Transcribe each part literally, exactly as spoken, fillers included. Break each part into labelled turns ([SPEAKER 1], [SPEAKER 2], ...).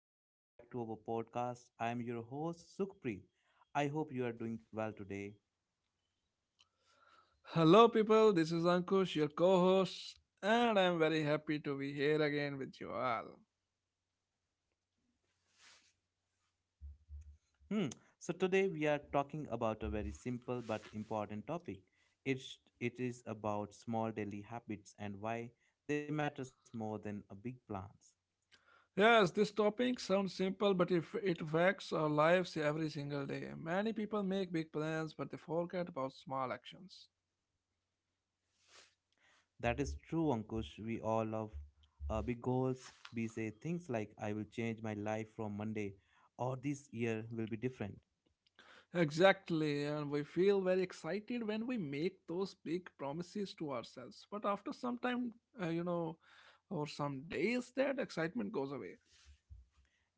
[SPEAKER 1] Welcome back to our podcast. I am your host, Sukhpreet. I hope you are doing well today.
[SPEAKER 2] Hello, people. This is Ankush, your co host, and I'm very happy to be here again with you all.
[SPEAKER 1] Hmm. So, today we are talking about a very simple but important topic. It's, it is about small daily habits and why they matters more than a big plans.
[SPEAKER 2] Yes, this topic sounds simple, but if it affects our lives every single day. Many people make big plans, but they forget about small actions.
[SPEAKER 1] That is true, Ankush. We all love uh, big goals. We say things like, I will change my life from Monday, or this year will be different.
[SPEAKER 2] Exactly, and we feel very excited when we make those big promises to ourselves. But after some time, uh, you know, or some days, that excitement goes away.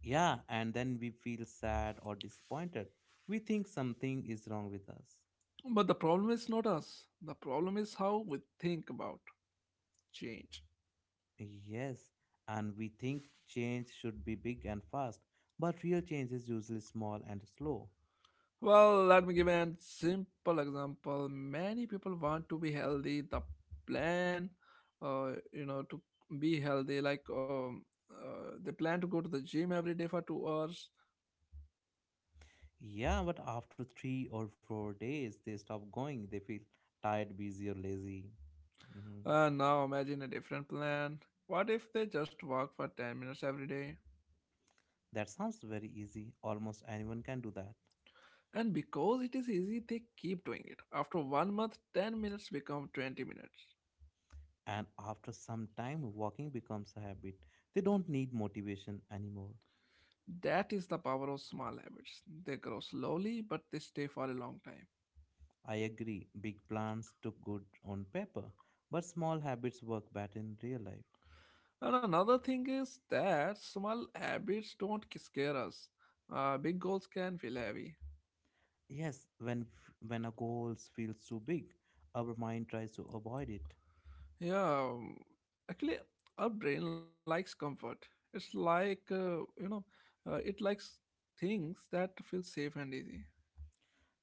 [SPEAKER 1] Yeah, and then we feel sad or disappointed. We think something is wrong with us.
[SPEAKER 2] But the problem is not us, the problem is how we think about change.
[SPEAKER 1] Yes, and we think change should be big and fast, but real change is usually small and slow.
[SPEAKER 2] Well, let me give an simple example. Many people want to be healthy. The plan, uh, you know, to be healthy, like um, uh, they plan to go to the gym every day for two hours.
[SPEAKER 1] Yeah, but after three or four days, they stop going. They feel tired, busy, or lazy. Mhm.
[SPEAKER 2] Uh, now imagine a different plan. What if they just walk for ten minutes every day?
[SPEAKER 1] That sounds very easy. Almost anyone can do that.
[SPEAKER 2] And because it is easy, they keep doing it. After one month, ten minutes become twenty minutes.
[SPEAKER 1] And after some time, walking becomes a habit. They don't need motivation anymore.
[SPEAKER 2] That is the power of small habits. They grow slowly, but they stay for a long time.
[SPEAKER 1] I agree, big plans look good on paper, but small habits work better in real life.
[SPEAKER 2] And another thing is that small habits don't scare us. Uh, big goals can feel heavy.
[SPEAKER 1] Yes, when f- when a goal feels too big, our mind tries to avoid it.
[SPEAKER 2] Yeah, um, actually, our brain likes comfort. It's like uh, you know, uh, it likes things that feel safe and easy.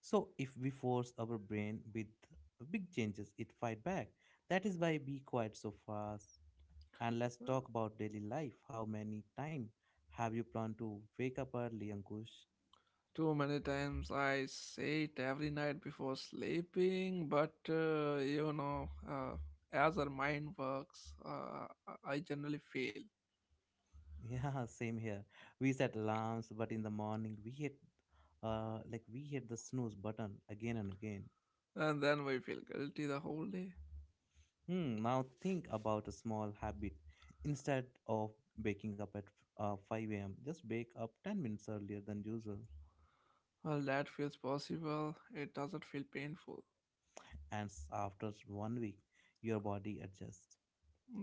[SPEAKER 1] So if we force our brain with big changes, it fight back. That is why be quiet so fast. And let's talk about daily life. How many time have you planned to wake up early, Ankush?
[SPEAKER 2] Too many times I say it every night before sleeping, but uh, you know, uh, as our mind works, uh, I I generally fail,
[SPEAKER 1] Yeah, same here. We set alarms, but in the morning we hit, uh, like we hit the snooze button again and again.
[SPEAKER 2] and then we feel guilty the whole day.
[SPEAKER 1] Hmm. Now think about a small habit. Instead of waking up at uh, five a m, just wake up ten minutes earlier than usual,
[SPEAKER 2] Well, that feels possible. It doesn't feel painful.
[SPEAKER 1] and s- after one week, your body adjusts.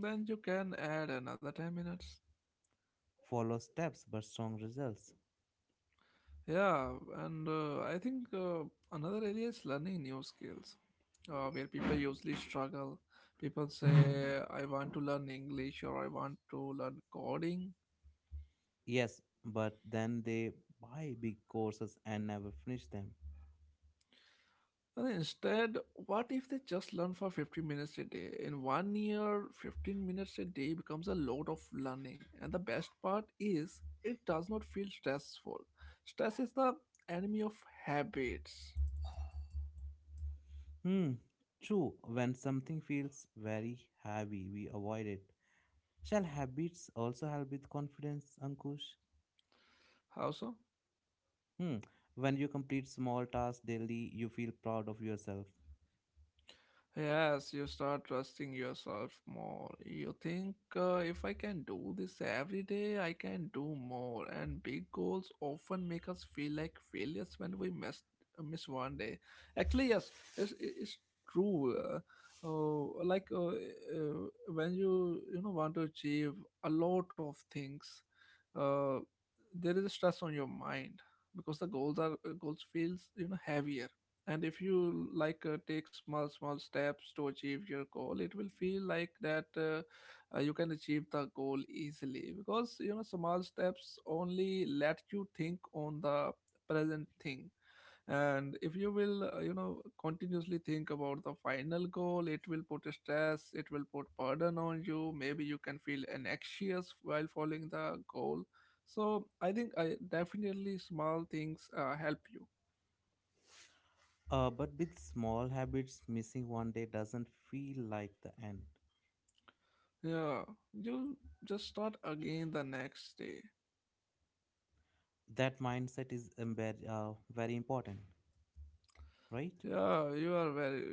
[SPEAKER 2] Then you can add another ten minutes.
[SPEAKER 1] Follow steps, but strong results.
[SPEAKER 2] Yeah, and uh, I think uh, Another area is learning new skills, uh, where people usually struggle. People say, I want to learn English or I want to learn coding.
[SPEAKER 1] Yes, but then they buy big courses and never finish them.
[SPEAKER 2] And instead, what if they just learn for fifteen minutes a day? In one year, fifteen minutes a day becomes a load of learning. And the best part is, it does not feel stressful. Stress is the enemy of habits.
[SPEAKER 1] Hmm, true. When something feels very heavy, we avoid it. Shall habits also help with confidence, Ankush?
[SPEAKER 2] How so?
[SPEAKER 1] Hmm. When you complete small tasks daily, you feel proud of yourself.
[SPEAKER 2] Yes, you start trusting yourself more. You think, uh, if I can do this every day, I can do more. And big goals often make us feel like failures when we miss miss one day. Actually, yes, it's, it's true. Uh, uh, like uh, uh, when you you know want to achieve a lot of things, uh, there is a stress on your mind because the goals are goals feels, you know, heavier. And if you, like uh, take small small steps to achieve your goal, it will feel like that uh, uh, you can achieve the goal easily, because, you know, small steps only let you think on the present thing. And if you will, uh, you know continuously think about the final goal, it will put stress, it will put burden on you. Maybe you can feel anxious while following the goal. So I think i definitely, small things uh, help you.
[SPEAKER 1] Uh, but with small habits, missing one day doesn't feel like the end.
[SPEAKER 2] Yeah, you just start again the next day.
[SPEAKER 1] That mindset is embed, uh, very important, right?
[SPEAKER 2] Yeah, you are very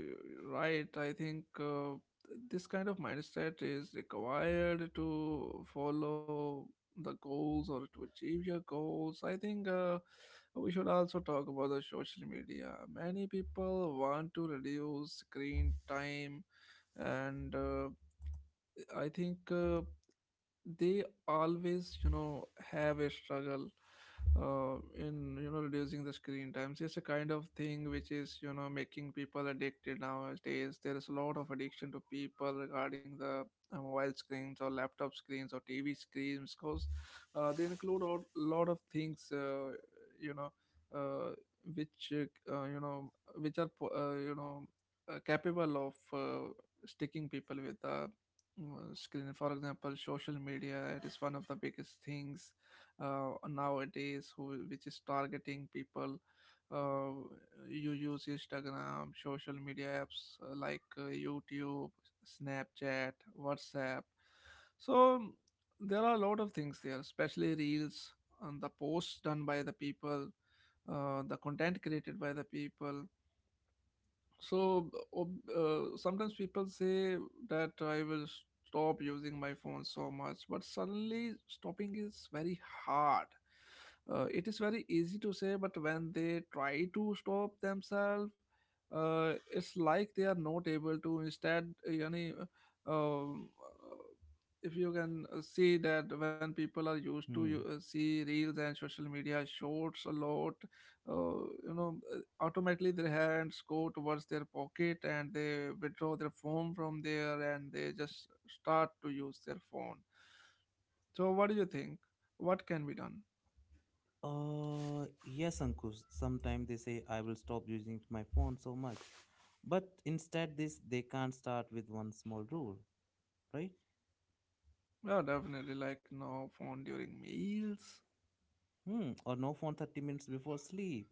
[SPEAKER 2] right. I think uh, this kind of mindset is required to follow the goals or to achieve your goals. I think uh, we should also talk about the social media. Many people want to reduce screen time, and uh, I think uh, they always, you know, have a struggle, uh, in, you know, reducing the screen times. It's a kind of thing which is, you know, making people addicted nowadays. There is a lot of addiction to people regarding the, uh, mobile screens or laptop screens or tv screens, because uh, they include a lot of things, uh, you know uh, which uh, you know which are po- uh, you know uh, capable of, uh, sticking people with the, uh, screen. For example, social media, it is one of the biggest things, uh, nowadays, who, which is targeting people. uh, you use instagram, social media apps, uh, like uh, youtube, snapchat, whatsapp. So there are a lot of things there, especially reels, and the posts done by the people, uh, the content created by the people. So ob- uh, sometimes people say that I will stop using my phone so much, but suddenly stopping is very hard. Uh, it is very easy to say, but when they try to stop themselves, uh, it's like they are not able to. Instead, yani, um, uh, if you can, uh, see that when people are used to you,
[SPEAKER 1] Hmm.
[SPEAKER 2] uh, see reels and social media shorts a lot, uh, you know automatically their hands go towards their pocket and they withdraw their phone from there and they just start to use their phone. So what do you think, what can be done?
[SPEAKER 1] Uh, yes, Ankush. Sometimes they say I will stop using my phone so much, but instead this they can't start with one small rule, right?
[SPEAKER 2] Yeah, definitely, like no phone during meals.
[SPEAKER 1] Hmm. Or no phone thirty minutes before sleep.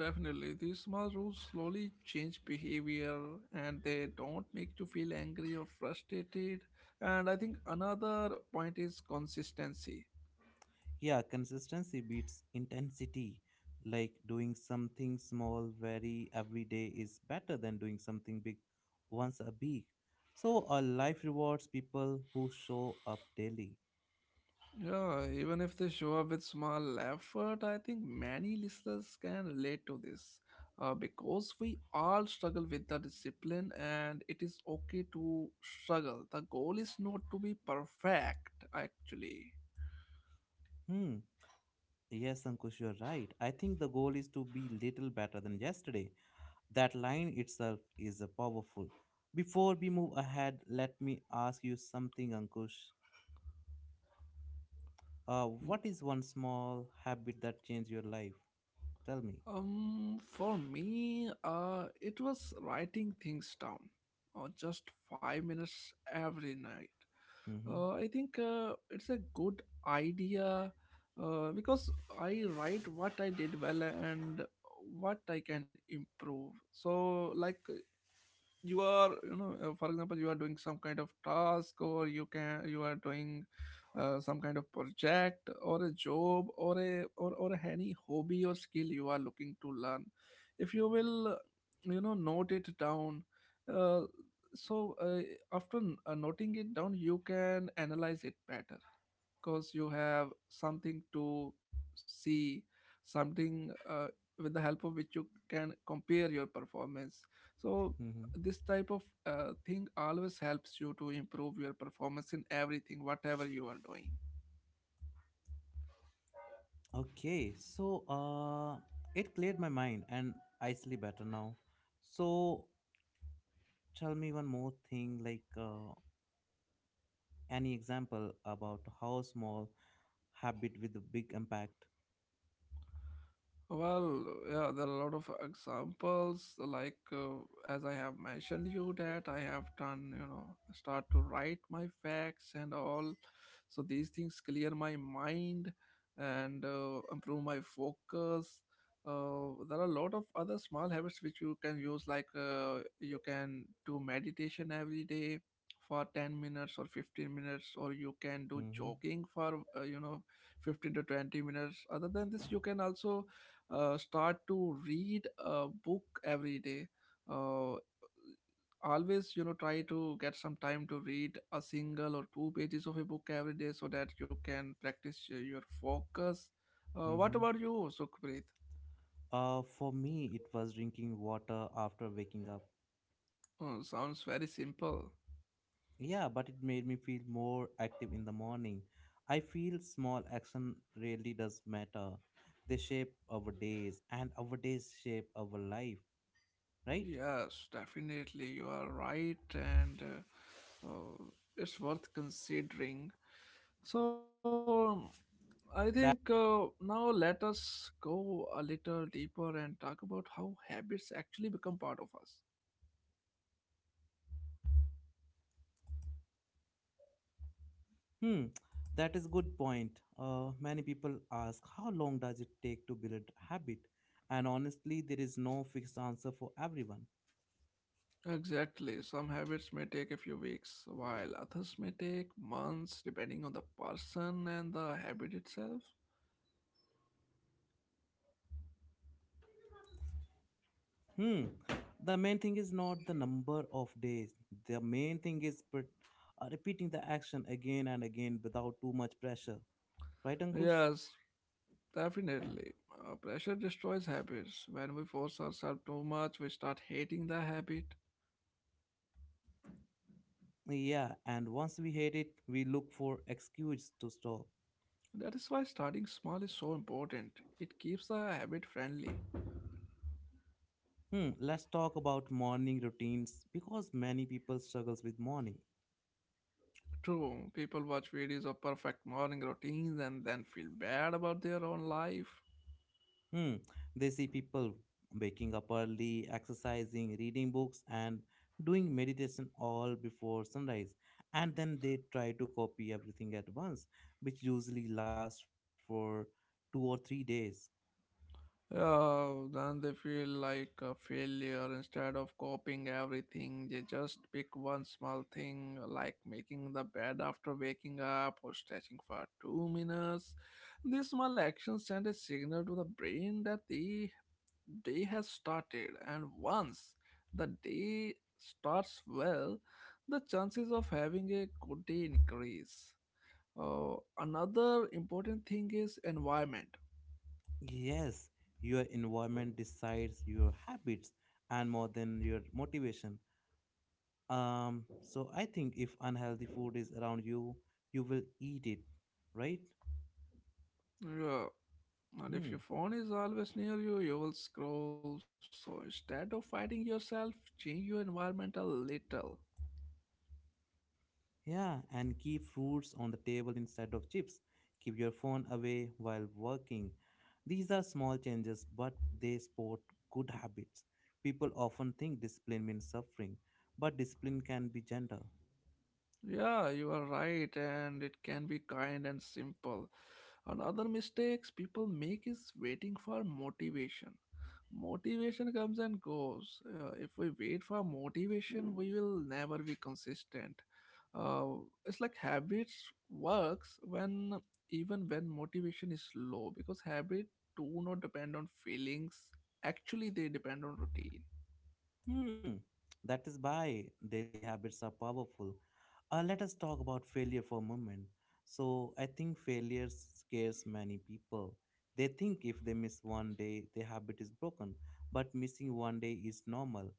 [SPEAKER 2] Definitely, these small rules slowly change behavior, and they don't make you feel angry or frustrated. And I think another point is consistency.
[SPEAKER 1] Yeah, consistency beats intensity. Like doing something small very every day is better than doing something big once a week. So our life rewards people who show up daily.
[SPEAKER 2] Yeah, even if they show up with small effort, I think many listeners can relate to this, uh, because we all struggle with the discipline, and it is okay to struggle. The goal is not to be perfect, actually.
[SPEAKER 1] Hmm. Yes, Ankush, you're right. I think the goal is to be little better than yesterday. That line itself is a powerful. Before we move ahead, let me ask you something, Ankush. Uh, what is one small habit that changed your life? Tell me.
[SPEAKER 2] Um, for me, uh, it was writing things down, or just five minutes every night.
[SPEAKER 1] Mm-hmm.
[SPEAKER 2] Uh, I think uh, it's a good idea, uh, because I write what I did well and what I can improve. So, like, you are, you know uh, for example, you are doing some kind of task, or you can you are doing, uh, some kind of project, or a job, or a or, or any hobby or skill you are looking to learn. If you will, you know, note it down, uh, so uh, after n- uh, noting it down you can analyze it better, because you have something to see, something, uh, with the help of which you can compare your performance. So
[SPEAKER 1] Mm-hmm.
[SPEAKER 2] this type of, uh, thing always helps you to improve your performance in everything, whatever you are doing.
[SPEAKER 1] Okay, so uh, it cleared my mind and I sleep better now. So tell me one more thing, like uh, any example about how small habit with a big impact.
[SPEAKER 2] Well, yeah, there are a lot of examples. Like uh, as I have mentioned you, that I have done, you know, start to write my facts and all. So these things clear my mind and, uh, improve my focus. Uh, there are a lot of other small habits which you can use. Like uh, you can do meditation every day for ten minutes or fifteen minutes, or you can do
[SPEAKER 1] Mm-hmm.
[SPEAKER 2] jogging for, uh, you know fifteen to twenty minutes. Other than this, you can also, uh, start to read a book every day, uh, always, you know, try to get some time to read a single or two pages of a book every day, so that you can practice, uh, your focus. Uh, what
[SPEAKER 1] Mm-hmm.
[SPEAKER 2] about you, sukhpreet?
[SPEAKER 1] Uh, for me, it was drinking water after waking up.
[SPEAKER 2] Oh, sounds very simple.
[SPEAKER 1] Yeah, but it made me feel more active in the morning. I feel small action really does matter. They shape our days and our days shape our life, right?
[SPEAKER 2] Yes, definitely, you are right. And uh, uh, it's worth considering. So um, I think
[SPEAKER 1] That
[SPEAKER 2] uh, now let us go a little deeper and talk about how habits actually become part of us.
[SPEAKER 1] hmm, that is good point. Uh, many people ask how long does it take to build a habit? And honestly, there is no fixed answer for everyone.
[SPEAKER 2] Exactly. Some habits may take a few weeks, while others may take months, depending on the person and the habit itself.
[SPEAKER 1] Hmm. The main thing is not the number of days. The main thing is but, uh, repeating the action again and again without too much pressure. Right, Ankush?
[SPEAKER 2] Yes, definitely. Uh, pressure destroys habits. When we force ourselves too much, we start hating the habit.
[SPEAKER 1] Yeah, and once we hate it, we look for excuse to stop.
[SPEAKER 2] That is why starting small is so important. It keeps the habit friendly.
[SPEAKER 1] Hmm, let's talk about morning routines because many people struggles with morning.
[SPEAKER 2] True, people watch videos of perfect morning routines and then feel bad about their own life.
[SPEAKER 1] Hmm, they see people waking up early, exercising, reading books and doing meditation all before sunrise, and then they try to copy everything at once, which usually lasts for two or three days.
[SPEAKER 2] Yeah, then they feel like a failure. Instead of copying everything, they just pick one small thing, like making the bed after waking up, or stretching for two minutes. These small actions send a signal to the brain that the day has started, and once the day starts well, the chances of having a good day increase. Uh, another important thing is environment.
[SPEAKER 1] Yes, your environment decides your habits and more than your motivation. Um, so I think if unhealthy food is around you, you will eat it, right?
[SPEAKER 2] Yeah, and if
[SPEAKER 1] Hmm.
[SPEAKER 2] your phone is always near you, you will scroll. So instead of fighting yourself, change your environment a little.
[SPEAKER 1] Yeah, and keep fruits on the table instead of chips. Keep your phone away while working. These are small changes, but they support good habits. People often think discipline means suffering, but discipline can be gentle.
[SPEAKER 2] Yeah, you are right, and it can be kind and simple. Another mistakes people make is waiting for motivation. Motivation comes and goes. Uh, if we wait for motivation, we will never be consistent. uh, it's like habits works when even when motivation is low, because habit do not depend on feelings, actually they depend on routine.
[SPEAKER 1] Hmm, that is why daily habits are powerful. Uh, let us talk about failure for a moment. So, I think failure scares many people. They think if they miss one day, their habit is broken. But missing one day is normal.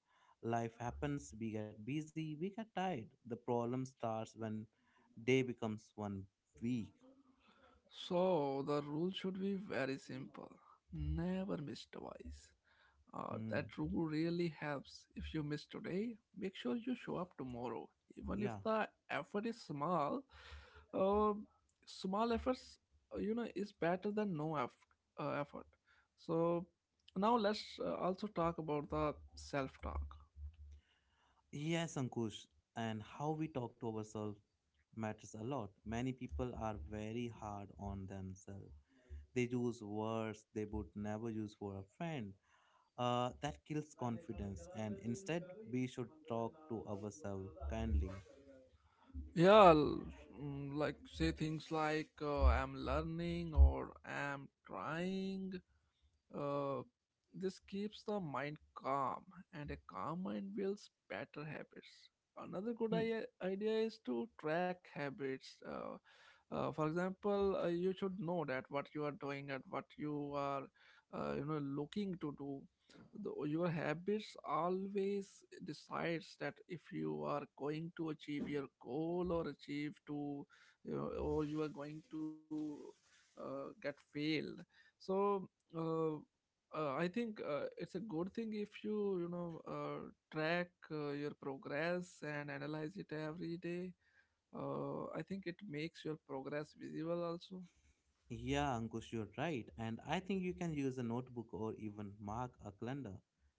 [SPEAKER 1] Life happens, we get busy, we get tired. The problem starts when day becomes one week.
[SPEAKER 2] So the rule should be very simple: never miss twice. Uh,
[SPEAKER 1] Hmm,
[SPEAKER 2] that rule really helps. If you miss today, make sure you show up tomorrow. Even if
[SPEAKER 1] yeah.
[SPEAKER 2] the effort is small, uh, small efforts, uh, you know, is better than no eff- uh, effort. So now let's, uh, also talk about the self-talk.
[SPEAKER 1] Yes, Ankush, and how we talk to ourselves matters a lot. Many people are very hard on themselves. They use words they would never use for a friend. Uh, that kills confidence, and instead, we should talk to ourselves kindly.
[SPEAKER 2] Yeah, l- mm, like say things like, uh, I'm learning or I'm trying. Uh, this keeps the mind calm, and a calm mind builds better habits. Another good
[SPEAKER 1] Hmm.
[SPEAKER 2] i- idea is to track habits. Uh, uh, for example, uh, you should know that what you are doing and what you are, uh, you know, looking to do. The, your habits always decides that if you are going to achieve your goal, or achieve to, you know, or you are going to, uh, get failed. So. Uh, uh, I think uh, it's a good thing if you you know uh, track uh, your progress and analyze it every day. Uh, I think it makes your progress visible also.
[SPEAKER 1] Yeah, Ankush, you're right. And I think you can use a notebook or even mark a calendar.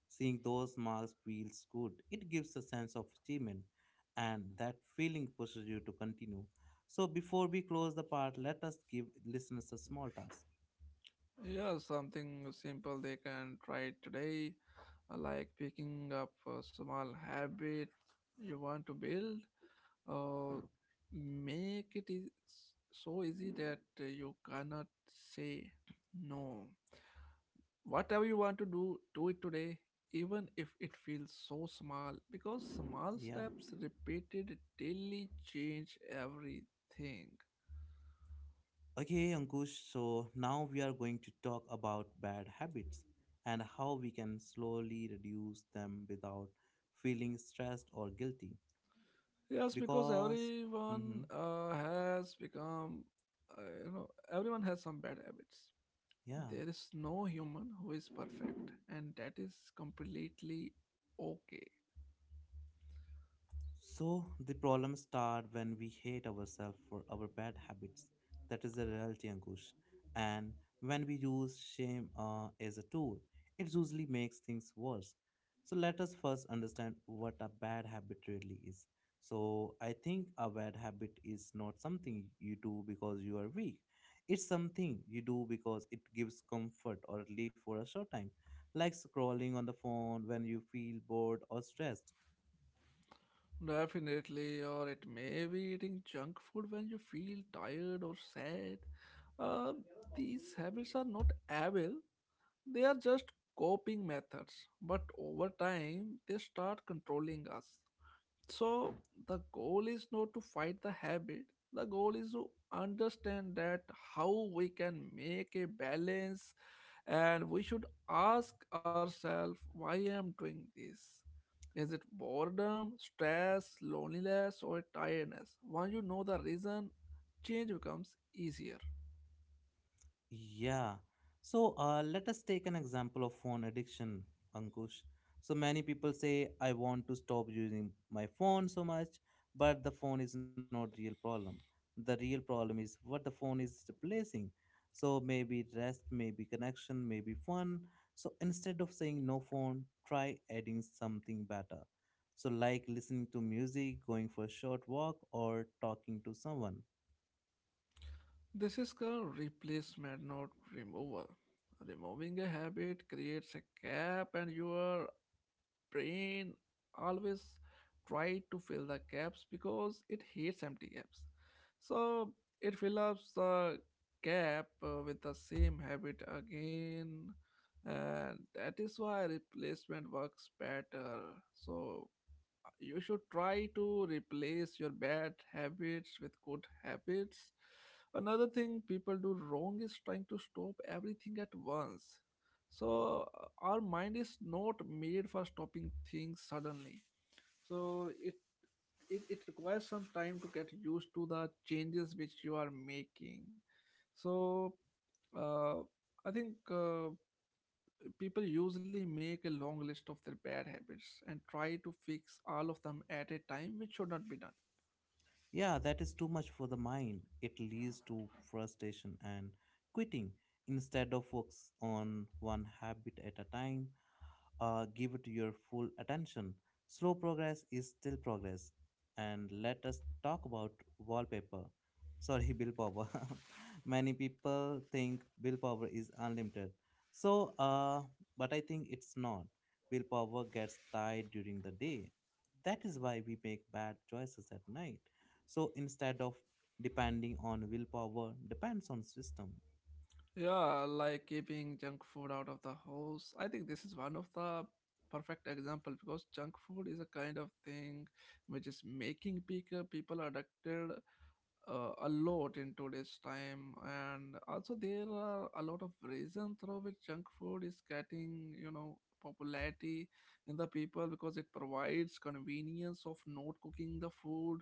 [SPEAKER 1] Seeing those marks feels good. It gives a sense of achievement, and that feeling pushes you to continue. So, before we close the part, let us give listeners a small task.
[SPEAKER 2] Yeah, something simple they can try today, uh, like picking up a small habit you want to build. Uh, Make it is so easy that you cannot say no. Whatever you want to do, do it today, even if it feels so small, because small
[SPEAKER 1] Yeah.
[SPEAKER 2] steps repeated daily change everything.
[SPEAKER 1] Okay, Ankush, so now we are going to talk about bad habits and how we can slowly reduce them without feeling stressed or guilty.
[SPEAKER 2] Yes, because
[SPEAKER 1] Because,
[SPEAKER 2] everyone
[SPEAKER 1] mm-hmm,
[SPEAKER 2] uh, has become, uh, you know, everyone has some bad habits.
[SPEAKER 1] yeah.
[SPEAKER 2] There is no human who is perfect, and that is completely okay.
[SPEAKER 1] So the problems start when we hate ourselves for our bad habits. That is the reality, Ankush. And when we use shame uh, as a tool, it usually makes things worse. So let us first understand what a bad habit really is. So I think a bad habit is not something you do because you are weak. It's something you do because it gives comfort or relief for a short time, like scrolling on the phone when you feel bored or stressed.
[SPEAKER 2] Definitely, or it may be eating junk food when you feel tired or sad. Uh, these habits are not evil, they are just coping methods, but over time they start controlling us. So, the goal is not to fight the habit, the goal is to understand that how we can make a balance, and we should ask ourselves, why I'm doing this? Is it boredom, stress, loneliness, or tiredness? Once you know the reason, change becomes easier.
[SPEAKER 1] Yeah. So uh, let us take an example of phone addiction, Ankush. So many people say, I want to stop using my phone so much, but the phone is not real problem. The real problem is what the phone is replacing. So maybe rest, maybe connection, maybe fun. So instead of saying no phone, try adding something better. So like listening to music, going for a short walk, or talking to someone.
[SPEAKER 2] This is called replacement, not removal. Removing a habit creates a gap, and you are brain always try to fill the gaps, because it hates empty gaps. So it fills up the gap uh, with the same habit again. And that is why replacement works better. So you should try to replace your bad habits with good habits. Another thing people do wrong is trying to stop everything at once. So, uh, our mind is not made for stopping things suddenly. So, it it, it requires some time to get used to the changes which you are making. So uh, i think uh, people usually make a long list of their bad habits and try to fix all of them at a time, which should not be done.
[SPEAKER 1] Yeah, that is too much for the mind. It leads to frustration and quitting. Instead of focus on one habit at a time, uh, give it your full attention. Slow progress is still progress. And let us talk about wallpaper. Sorry, willpower. Many people think willpower is unlimited. So, uh, but I think it's not. Willpower gets tired during the day. That is why we make bad choices at night. So instead of depending on willpower, depends on system.
[SPEAKER 2] Yeah, like keeping junk food out of the house. I think this is one of the perfect example, because junk food is a kind of thing which is making people people addicted uh, a lot in today's time, and also there are a lot of reasons through which junk food is getting you know popularity in the people, because it provides convenience of not cooking the food,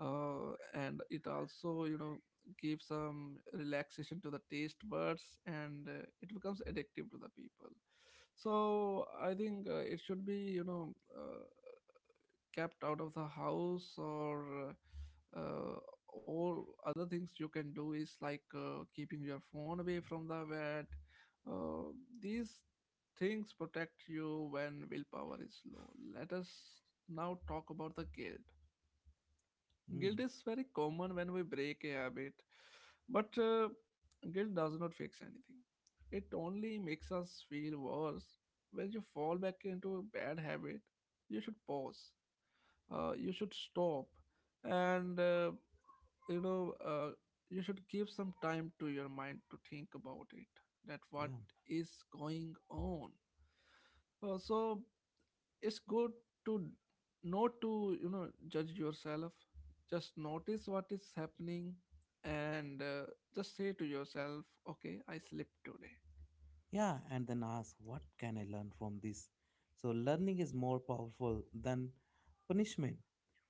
[SPEAKER 2] uh, and it also you know give some relaxation to the taste buds, and uh, it becomes addictive to the people. So i think uh, it should be you know uh, kept out of the house. Or uh, uh, all other things you can do is like uh, keeping your phone away from the bed. uh, these things protect you when willpower is low. Let us now talk about the guilt.
[SPEAKER 1] Mm,
[SPEAKER 2] Guilt is very common when we break a habit, but uh, guilt does not fix anything. It only makes us feel worse. When you fall back into a bad habit, you should pause, uh, you should stop, and uh, you know uh, you should give some time to your mind to think about it, that what
[SPEAKER 1] yeah.
[SPEAKER 2] is going on. Uh, so it's good to not to you know judge yourself. Just notice what is happening, and uh, just say to yourself, okay, I slept today.
[SPEAKER 1] Yeah, and then ask, what can I learn from this? So, learning is more powerful than punishment.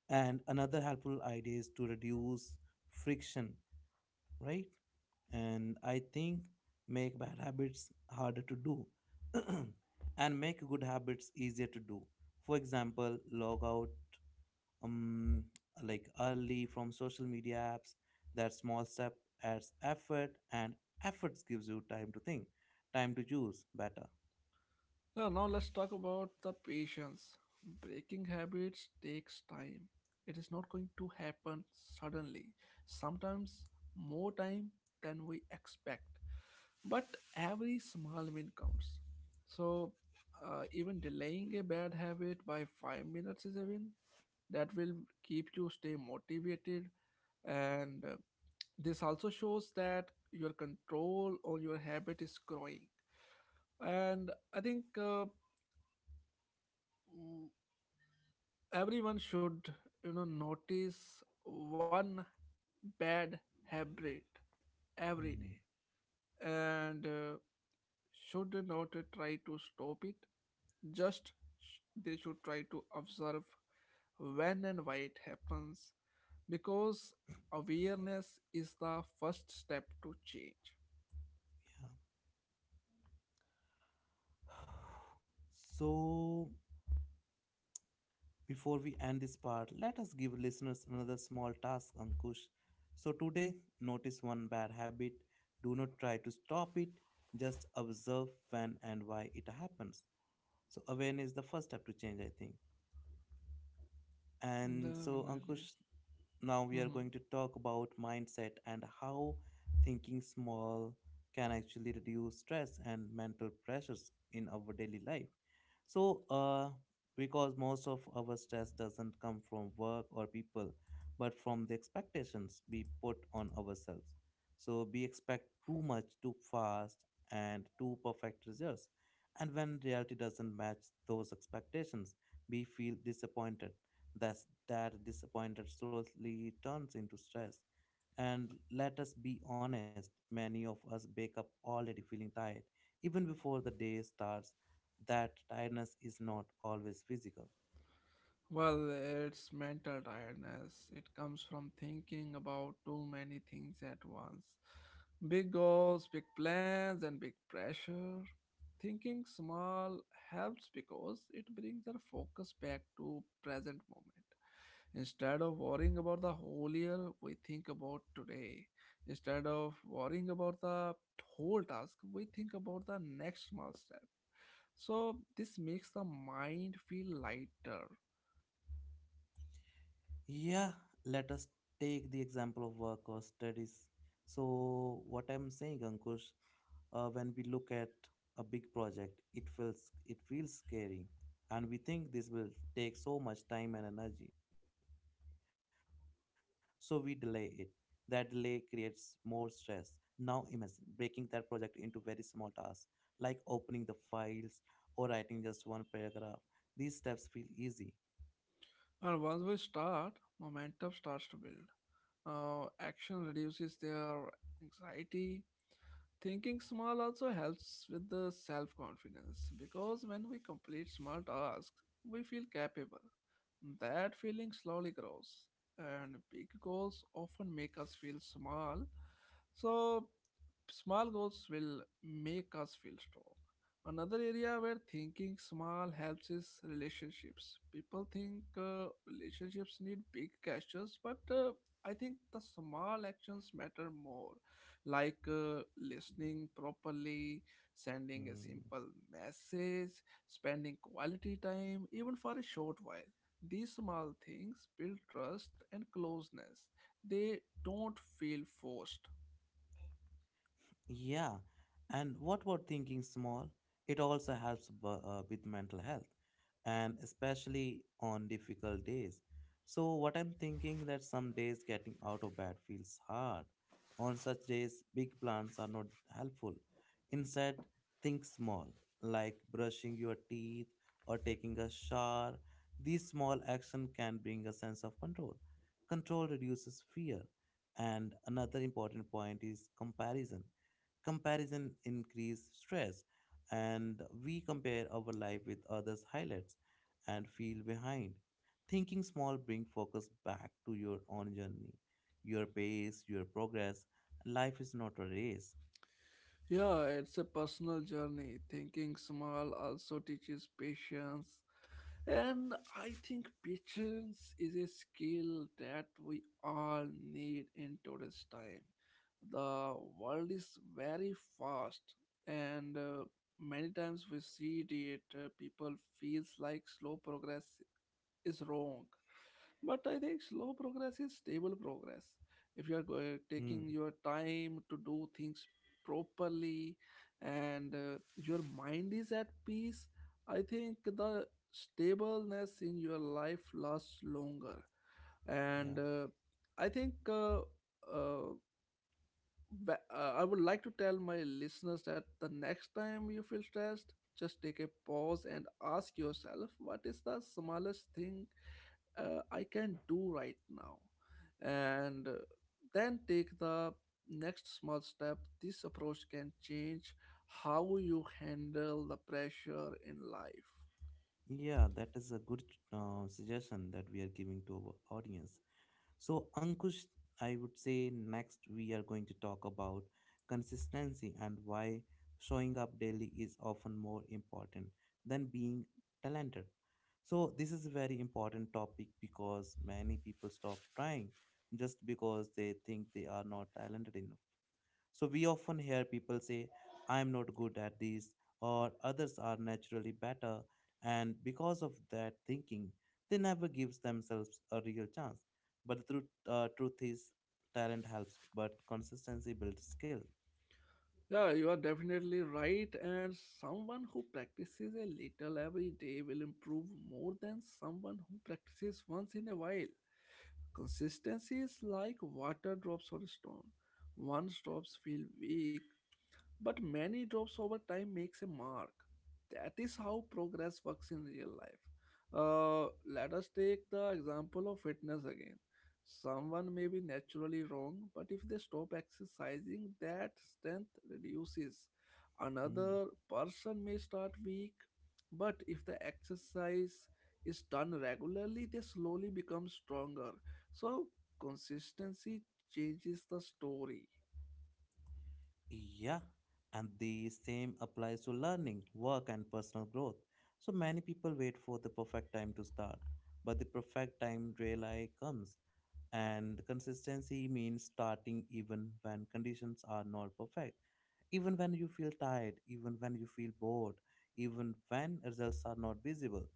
[SPEAKER 1] And another helpful idea is to reduce friction, right? And I think make bad habits harder to do and make good habits easier to do. For example, log out um, like early from social media apps. That small step adds effort, and efforts gives you time to think, time to choose better.
[SPEAKER 2] Yeah, now let's talk about the patience. Breaking habits takes time. It is not going to happen suddenly. Sometimes more time than we expect. But every small win counts. So uh, even delaying a bad habit by 5 minutes is a win. That will keep you stay motivated, and uh, this also shows that your control on your habit is growing. And i think uh, everyone should you know notice one bad habit every
[SPEAKER 1] Hmm,
[SPEAKER 2] day, and uh, should not try to stop it. Just sh- they should try to observe when and why it happens, because awareness is the first step to change.
[SPEAKER 1] yeah. So, before we end this part, let us give listeners another small task, Ankush. So, today, notice one bad habit. Do not try to stop it, just observe when and why it happens. So, awareness is the first step to change, I think. And so,
[SPEAKER 2] Definitely.
[SPEAKER 1] Ankush, now we are going
[SPEAKER 2] Mm-hmm.
[SPEAKER 1] to talk about mindset and how thinking small can actually reduce stress and mental pressures in our daily life. So, uh, because most of our stress doesn't come from work or people, but from the expectations we put on ourselves. So, we expect too much too fast and too perfect results. And when reality doesn't match those expectations, we feel disappointed. That's, that disappointed slowly turns into stress. And let us be honest, many of us wake up already feeling tired, even before the day starts. That tiredness is not always physical.
[SPEAKER 2] Well, it's mental tiredness. It comes from thinking about too many things at once. Big goals, big plans, and big pressure. Thinking small helps because it brings our focus back to present moment. Instead of worrying about the whole year, we think about today. Instead of worrying about the whole task, we think about the next small step. So this makes the mind feel lighter.
[SPEAKER 1] Yeah, let us take the example of work or studies. So, what I'm saying, Ankush, uh, when we look at a big project it feels it feels scary, and we think this will take so much time and energy, so we delay it. That delay creates more stress. Now imagine breaking that project into very small tasks, like opening the files or writing just one paragraph. These steps feel easy.
[SPEAKER 2] And once we start, momentum starts to build. Uh, action reduces their anxiety. Thinking small also helps with the self confidence, because when we complete small tasks, we feel capable. That feeling slowly grows, and big goals often make us feel small. So, small goals will make us feel strong. Another area where thinking small helps is relationships. People think uh, relationships need big gestures, but uh, I think the small actions matter more, like uh, listening properly, sending a simple
[SPEAKER 1] Hmm.
[SPEAKER 2] message, spending quality time, even for a short while. These small things build trust and closeness. They don't feel forced.
[SPEAKER 1] Yeah, and what about thinking small? It also helps bu- uh, with mental health, and especially on difficult days. So, what I'm thinking that some days getting out of bed feels hard. On such days, big plans are not helpful. Instead, think small, like brushing your teeth or taking a shower. These small actions can bring a sense of control. Control reduces fear. And another important point is comparison comparison increase stress, and we compare our life with others' highlights and feel behind. Thinking small bring focus back to your own journey, your pace, your progress. Life is not a race.
[SPEAKER 2] Yeah, it's a personal journey. Thinking small also teaches patience. And I think patience is a skill that we all need in today's time. The world is very fast, and uh, many times we see it uh, people feels like slow progress is wrong. But i think slow progress is stable progress. If you are going,
[SPEAKER 1] Hmm,
[SPEAKER 2] taking your time to do things properly, and uh, your mind is at peace, I think the stableness in your life lasts longer.
[SPEAKER 1] yeah,
[SPEAKER 2] And uh, I think uh, uh, but, uh, I would like to tell my listeners that the next time you feel stressed, just take a pause and ask yourself, what is the smallest thing uh, I can do right now? And uh, then take the next small step. This approach can change how you handle the pressure in life.
[SPEAKER 1] yeah, that is a good uh, suggestion that we are giving to our audience. So, Ankush, I would say next we are going to talk about consistency and why showing up daily is often more important than being talented. So, this is a very important topic because many people stop trying just because they think they are not talented enough. So we often hear people say, I'm not good at this, or others are naturally better, and because of that thinking, they never gives themselves a real chance. But the truth, uh, truth is, talent helps, but consistency builds skill.
[SPEAKER 2] Yeah, you are definitely right. And someone who practices a little every day will improve more than someone who practices once in a while. Consistency is like water drops on a stone. Once drops feel weak, but many drops over time makes a mark. That is how progress works in real life. Uh, let us take the example of fitness again. Someone may be naturally wrong, but if they stop exercising, that strength reduces.
[SPEAKER 1] Hmm.
[SPEAKER 2] Another person may start weak, but if the exercise is done regularly, they slowly become stronger. So consistency changes the story.
[SPEAKER 1] Yeah, and the same applies to learning, work, and personal growth. So many people wait for the perfect time to start, but the perfect time rarely comes. And consistency means starting even when conditions are not perfect, even when you feel tired, even when you feel bored, even when results are not visible.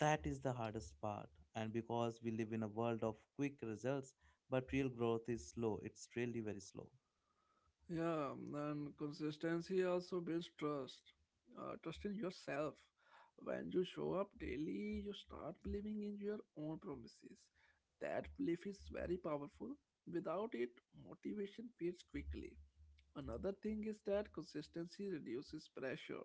[SPEAKER 1] That is the hardest part. And because we live in a world of quick results, but real growth is slow, it's really very slow.
[SPEAKER 2] Yeah, and consistency also builds trust. Uh, trust in yourself. When you show up daily, you start believing in your own promises. That belief is very powerful. Without it, motivation fades quickly. Another thing is that consistency reduces pressure.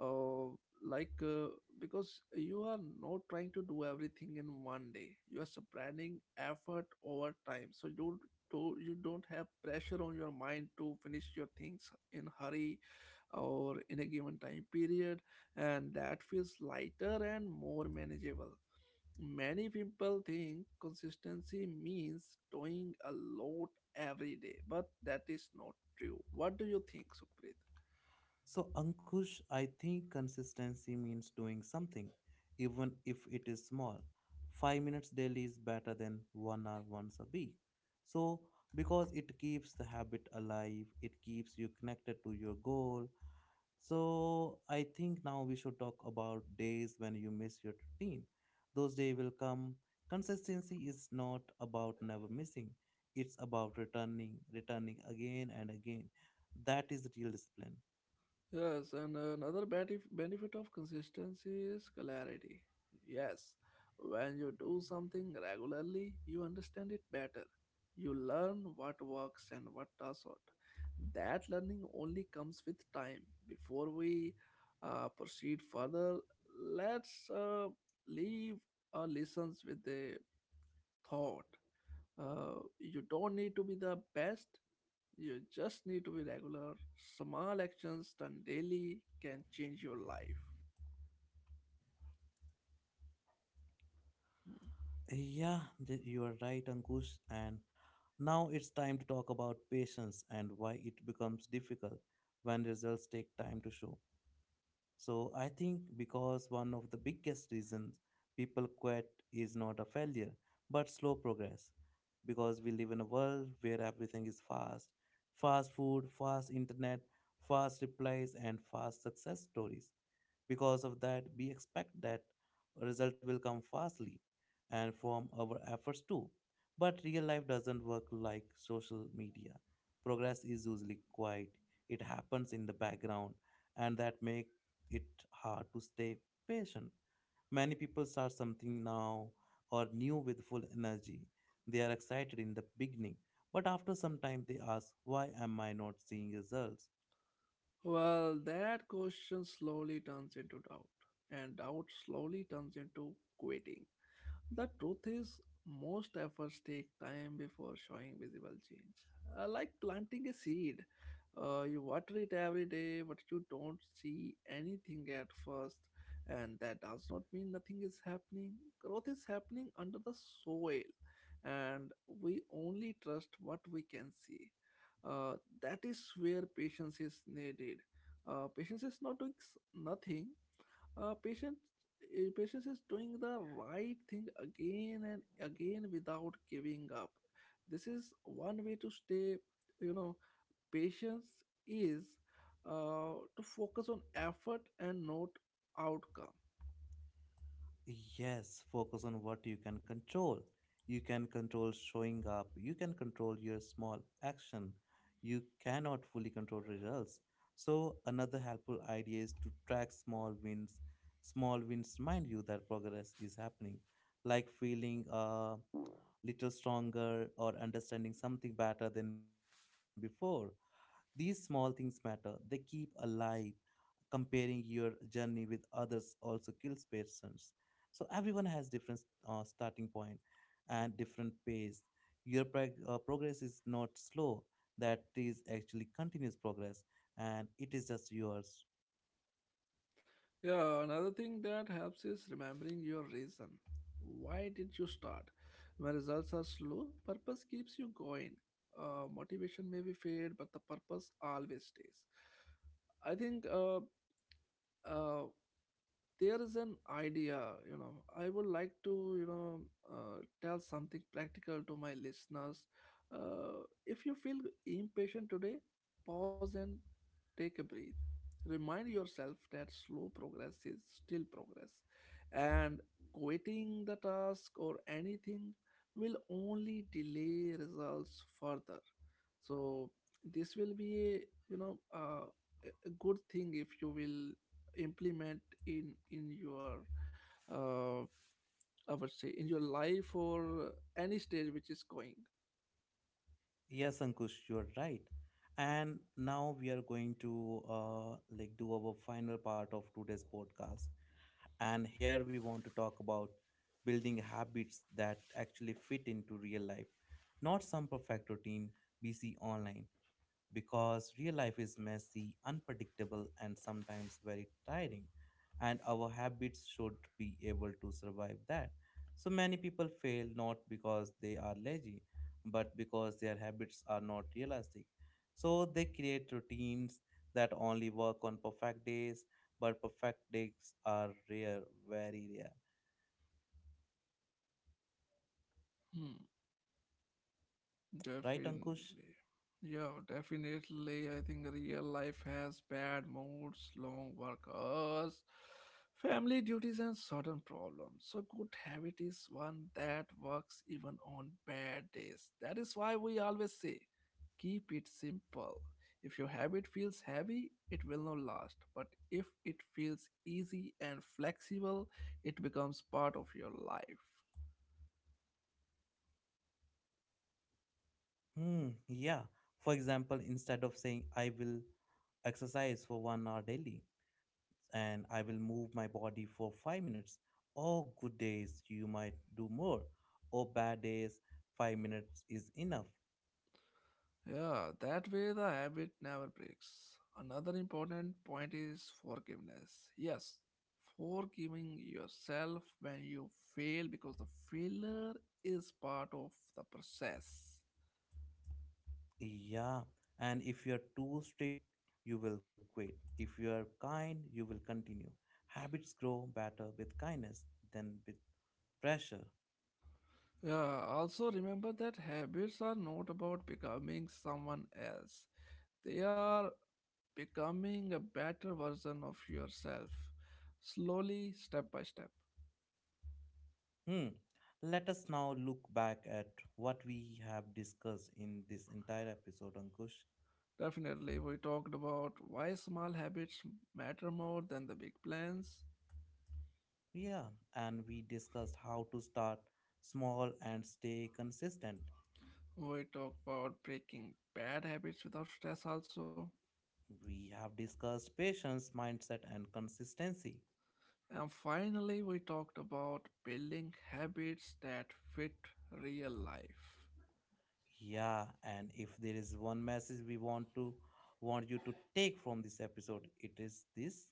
[SPEAKER 2] Uh, like uh, because you are not trying to do everything in one day. You are spreading effort over time, so you don't to, you don't have pressure on your mind to finish your things in hurry or in a given time period, and that feels lighter and more manageable. Many people think consistency means doing a lot every day, but that is not true. What do you think, Sukhpreet?
[SPEAKER 1] So, Ankush, I think consistency means doing something, even if it is small. Five minutes daily is better than one hour once a week. So, because it keeps the habit alive, it keeps you connected to your goal. So, I think now we should talk about days when you miss your routine. Those days will come. Consistency is not about never missing, it's about returning, returning again and again. That is real discipline.
[SPEAKER 2] Yes, and another benef- benefit of consistency is clarity. Yes, when you do something regularly, you understand it better. You learn what works and what doesn't. That learning only comes with time. Before we uh, proceed further, let's uh, leave our listeners with a thought. Uh, you don't need to be the best, you just need to be regular. Small actions done daily can change your life.
[SPEAKER 1] Yeah, th- you are right, Ankush. And now it's time to talk about patience and why it becomes difficult when results take time to show. So I think because one of the biggest reasons people quit is not a failure, but slow progress. Because we live in a world where everything is fast, fast food, fast internet, fast replies, and fast success stories. Because of that, we expect that result will come fastly and from our efforts too. But real life doesn't work like social media. Progress is usually quiet, it happens in the background, and that makes it hard to stay patient. Many people start something now or new with full energy. They are excited in the beginning, but after some time they ask, why am I not seeing results?
[SPEAKER 2] Well, that question slowly turns into doubt, and doubt slowly turns into quitting. The truth is, most efforts take time before showing visible change. Uh, like planting a seed, uh, you water it every day, but you don't see anything at first, and that does not mean nothing is happening. Growth is happening under the soil, and we only trust what we can see. Uh, that is where patience is needed. Uh, patience is not doing s- nothing. uh, patience eh, Patience is doing the right thing again and again without giving up. This is one way to stay, you know patience is uh, to focus on effort and not outcome.
[SPEAKER 1] Yes, focus on what you can control. You can control showing up, you can control your small action. You cannot fully control results. So, another helpful idea is to track small wins. Small wins remind you that progress is happening, like feeling a little stronger, or understanding something better than before. These small things matter. They keep alive. Comparing your journey with others also kills patience. So everyone has different uh, starting point and different pace. Your prog- uh, progress is not slow. That is actually continuous progress, and it is just yours.
[SPEAKER 2] Yeah, another thing that helps is remembering your reason. Why did you start? When results are slow, purpose keeps you going. Uh, motivation may be fade, but the purpose always stays. I think uh, uh, there is an idea, you know I would like to you know uh, tell something practical to my listeners. uh, if you feel impatient today, pause and take a breath. Remind yourself that slow progress is still progress, and quitting the task or anything will only delay results further. So this will be a you know uh, a a good thing if you will implement in in your uh, I would say in your life or any stage which is going.
[SPEAKER 1] Yes, Ankush, you are right. And now we are going to uh, like do our final part of today's podcast. And here we want to talk about building habits that actually fit into real life, not some perfect routine we see online, because real life is messy, unpredictable, and sometimes very tiring, and our habits should be able to survive that. So many people fail not because they are lazy, but because their habits are not realistic. So they create routines that only work on perfect days, but perfect days are rare, very rare.
[SPEAKER 2] Hmm.
[SPEAKER 1] Right, Ankush?
[SPEAKER 2] Definitely. Yeah, definitely. I think real life has bad moods, long work hours, family duties, and certain problems. So, good habit is one that works even on bad days. That is why we always say keep it simple. If your habit feels heavy, it will not last. But if it feels easy and flexible, it becomes part of your life.
[SPEAKER 1] Hmm, yeah. For example, instead of saying I will exercise for one hour daily, and I will move my body for five minutes. Oh, good days, you might do more. Oh, bad days, five minutes is enough.
[SPEAKER 2] Yeah, that way the habit never breaks. Another important point is forgiveness. Yes, forgiving yourself when you fail, because the failure is part of the process.
[SPEAKER 1] Yeah, and if you're too strict, you will quit. If you are kind, you will continue. Habits grow better with kindness than with pressure.
[SPEAKER 2] Yeah, also remember that habits are not about becoming someone else, they are becoming a better version of yourself, slowly, step by step.
[SPEAKER 1] Hmm. Let us now look back at what we have discussed in this entire episode, Ankush.
[SPEAKER 2] Definitely, we talked about why small habits matter more than the big plans.
[SPEAKER 1] Yeah, and we discussed how to start small and stay consistent.
[SPEAKER 2] We talked about breaking bad habits without stress, also.
[SPEAKER 1] We have discussed patience, mindset, and consistency.
[SPEAKER 2] And finally, we talked about building habits that fit real life.
[SPEAKER 1] Yeah, and if there is one message we want to want you to take from this episode, it is this.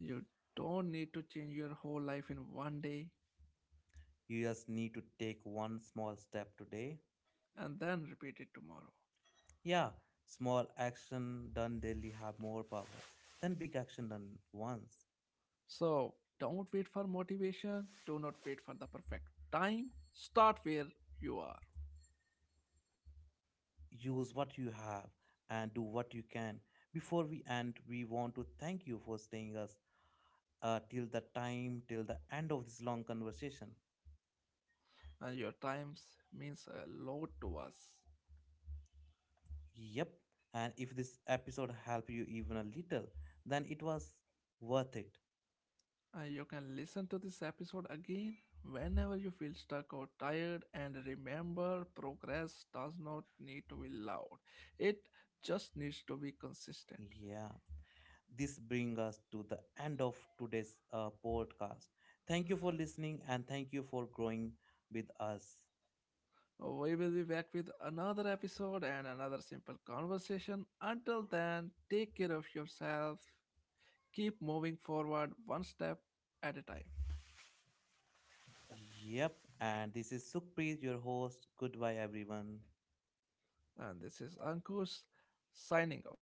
[SPEAKER 2] You don't need to change your whole life in one day,
[SPEAKER 1] You just need to take one small step today.
[SPEAKER 2] and then repeat it tomorrow.
[SPEAKER 1] Yeah, small action done daily have more power than big action done once.
[SPEAKER 2] So, don't wait for motivation, do not wait for the perfect time. Start where you are.
[SPEAKER 1] Use what you have and do what you can. Before we end, we want to thank you for staying us uh, till the time till the end of this long conversation.
[SPEAKER 2] And your times means a lot to us.
[SPEAKER 1] Yep, and if this episode helped you even a little, then it was worth it.
[SPEAKER 2] And you can listen to this episode again whenever you feel stuck or tired, and remember progress does not need to be loud. It just needs to be consistent.
[SPEAKER 1] Yeah, this brings us to the end of today's uh, podcast. Thank you for listening, and thank you for growing with us.
[SPEAKER 2] We will be back with another episode and another simple conversation. Until then, take care of yourself. Keep moving forward one step at a time.
[SPEAKER 1] Yep, and this is Sukhpreet, your host. Goodbye everyone.
[SPEAKER 2] And this is Ankush signing off.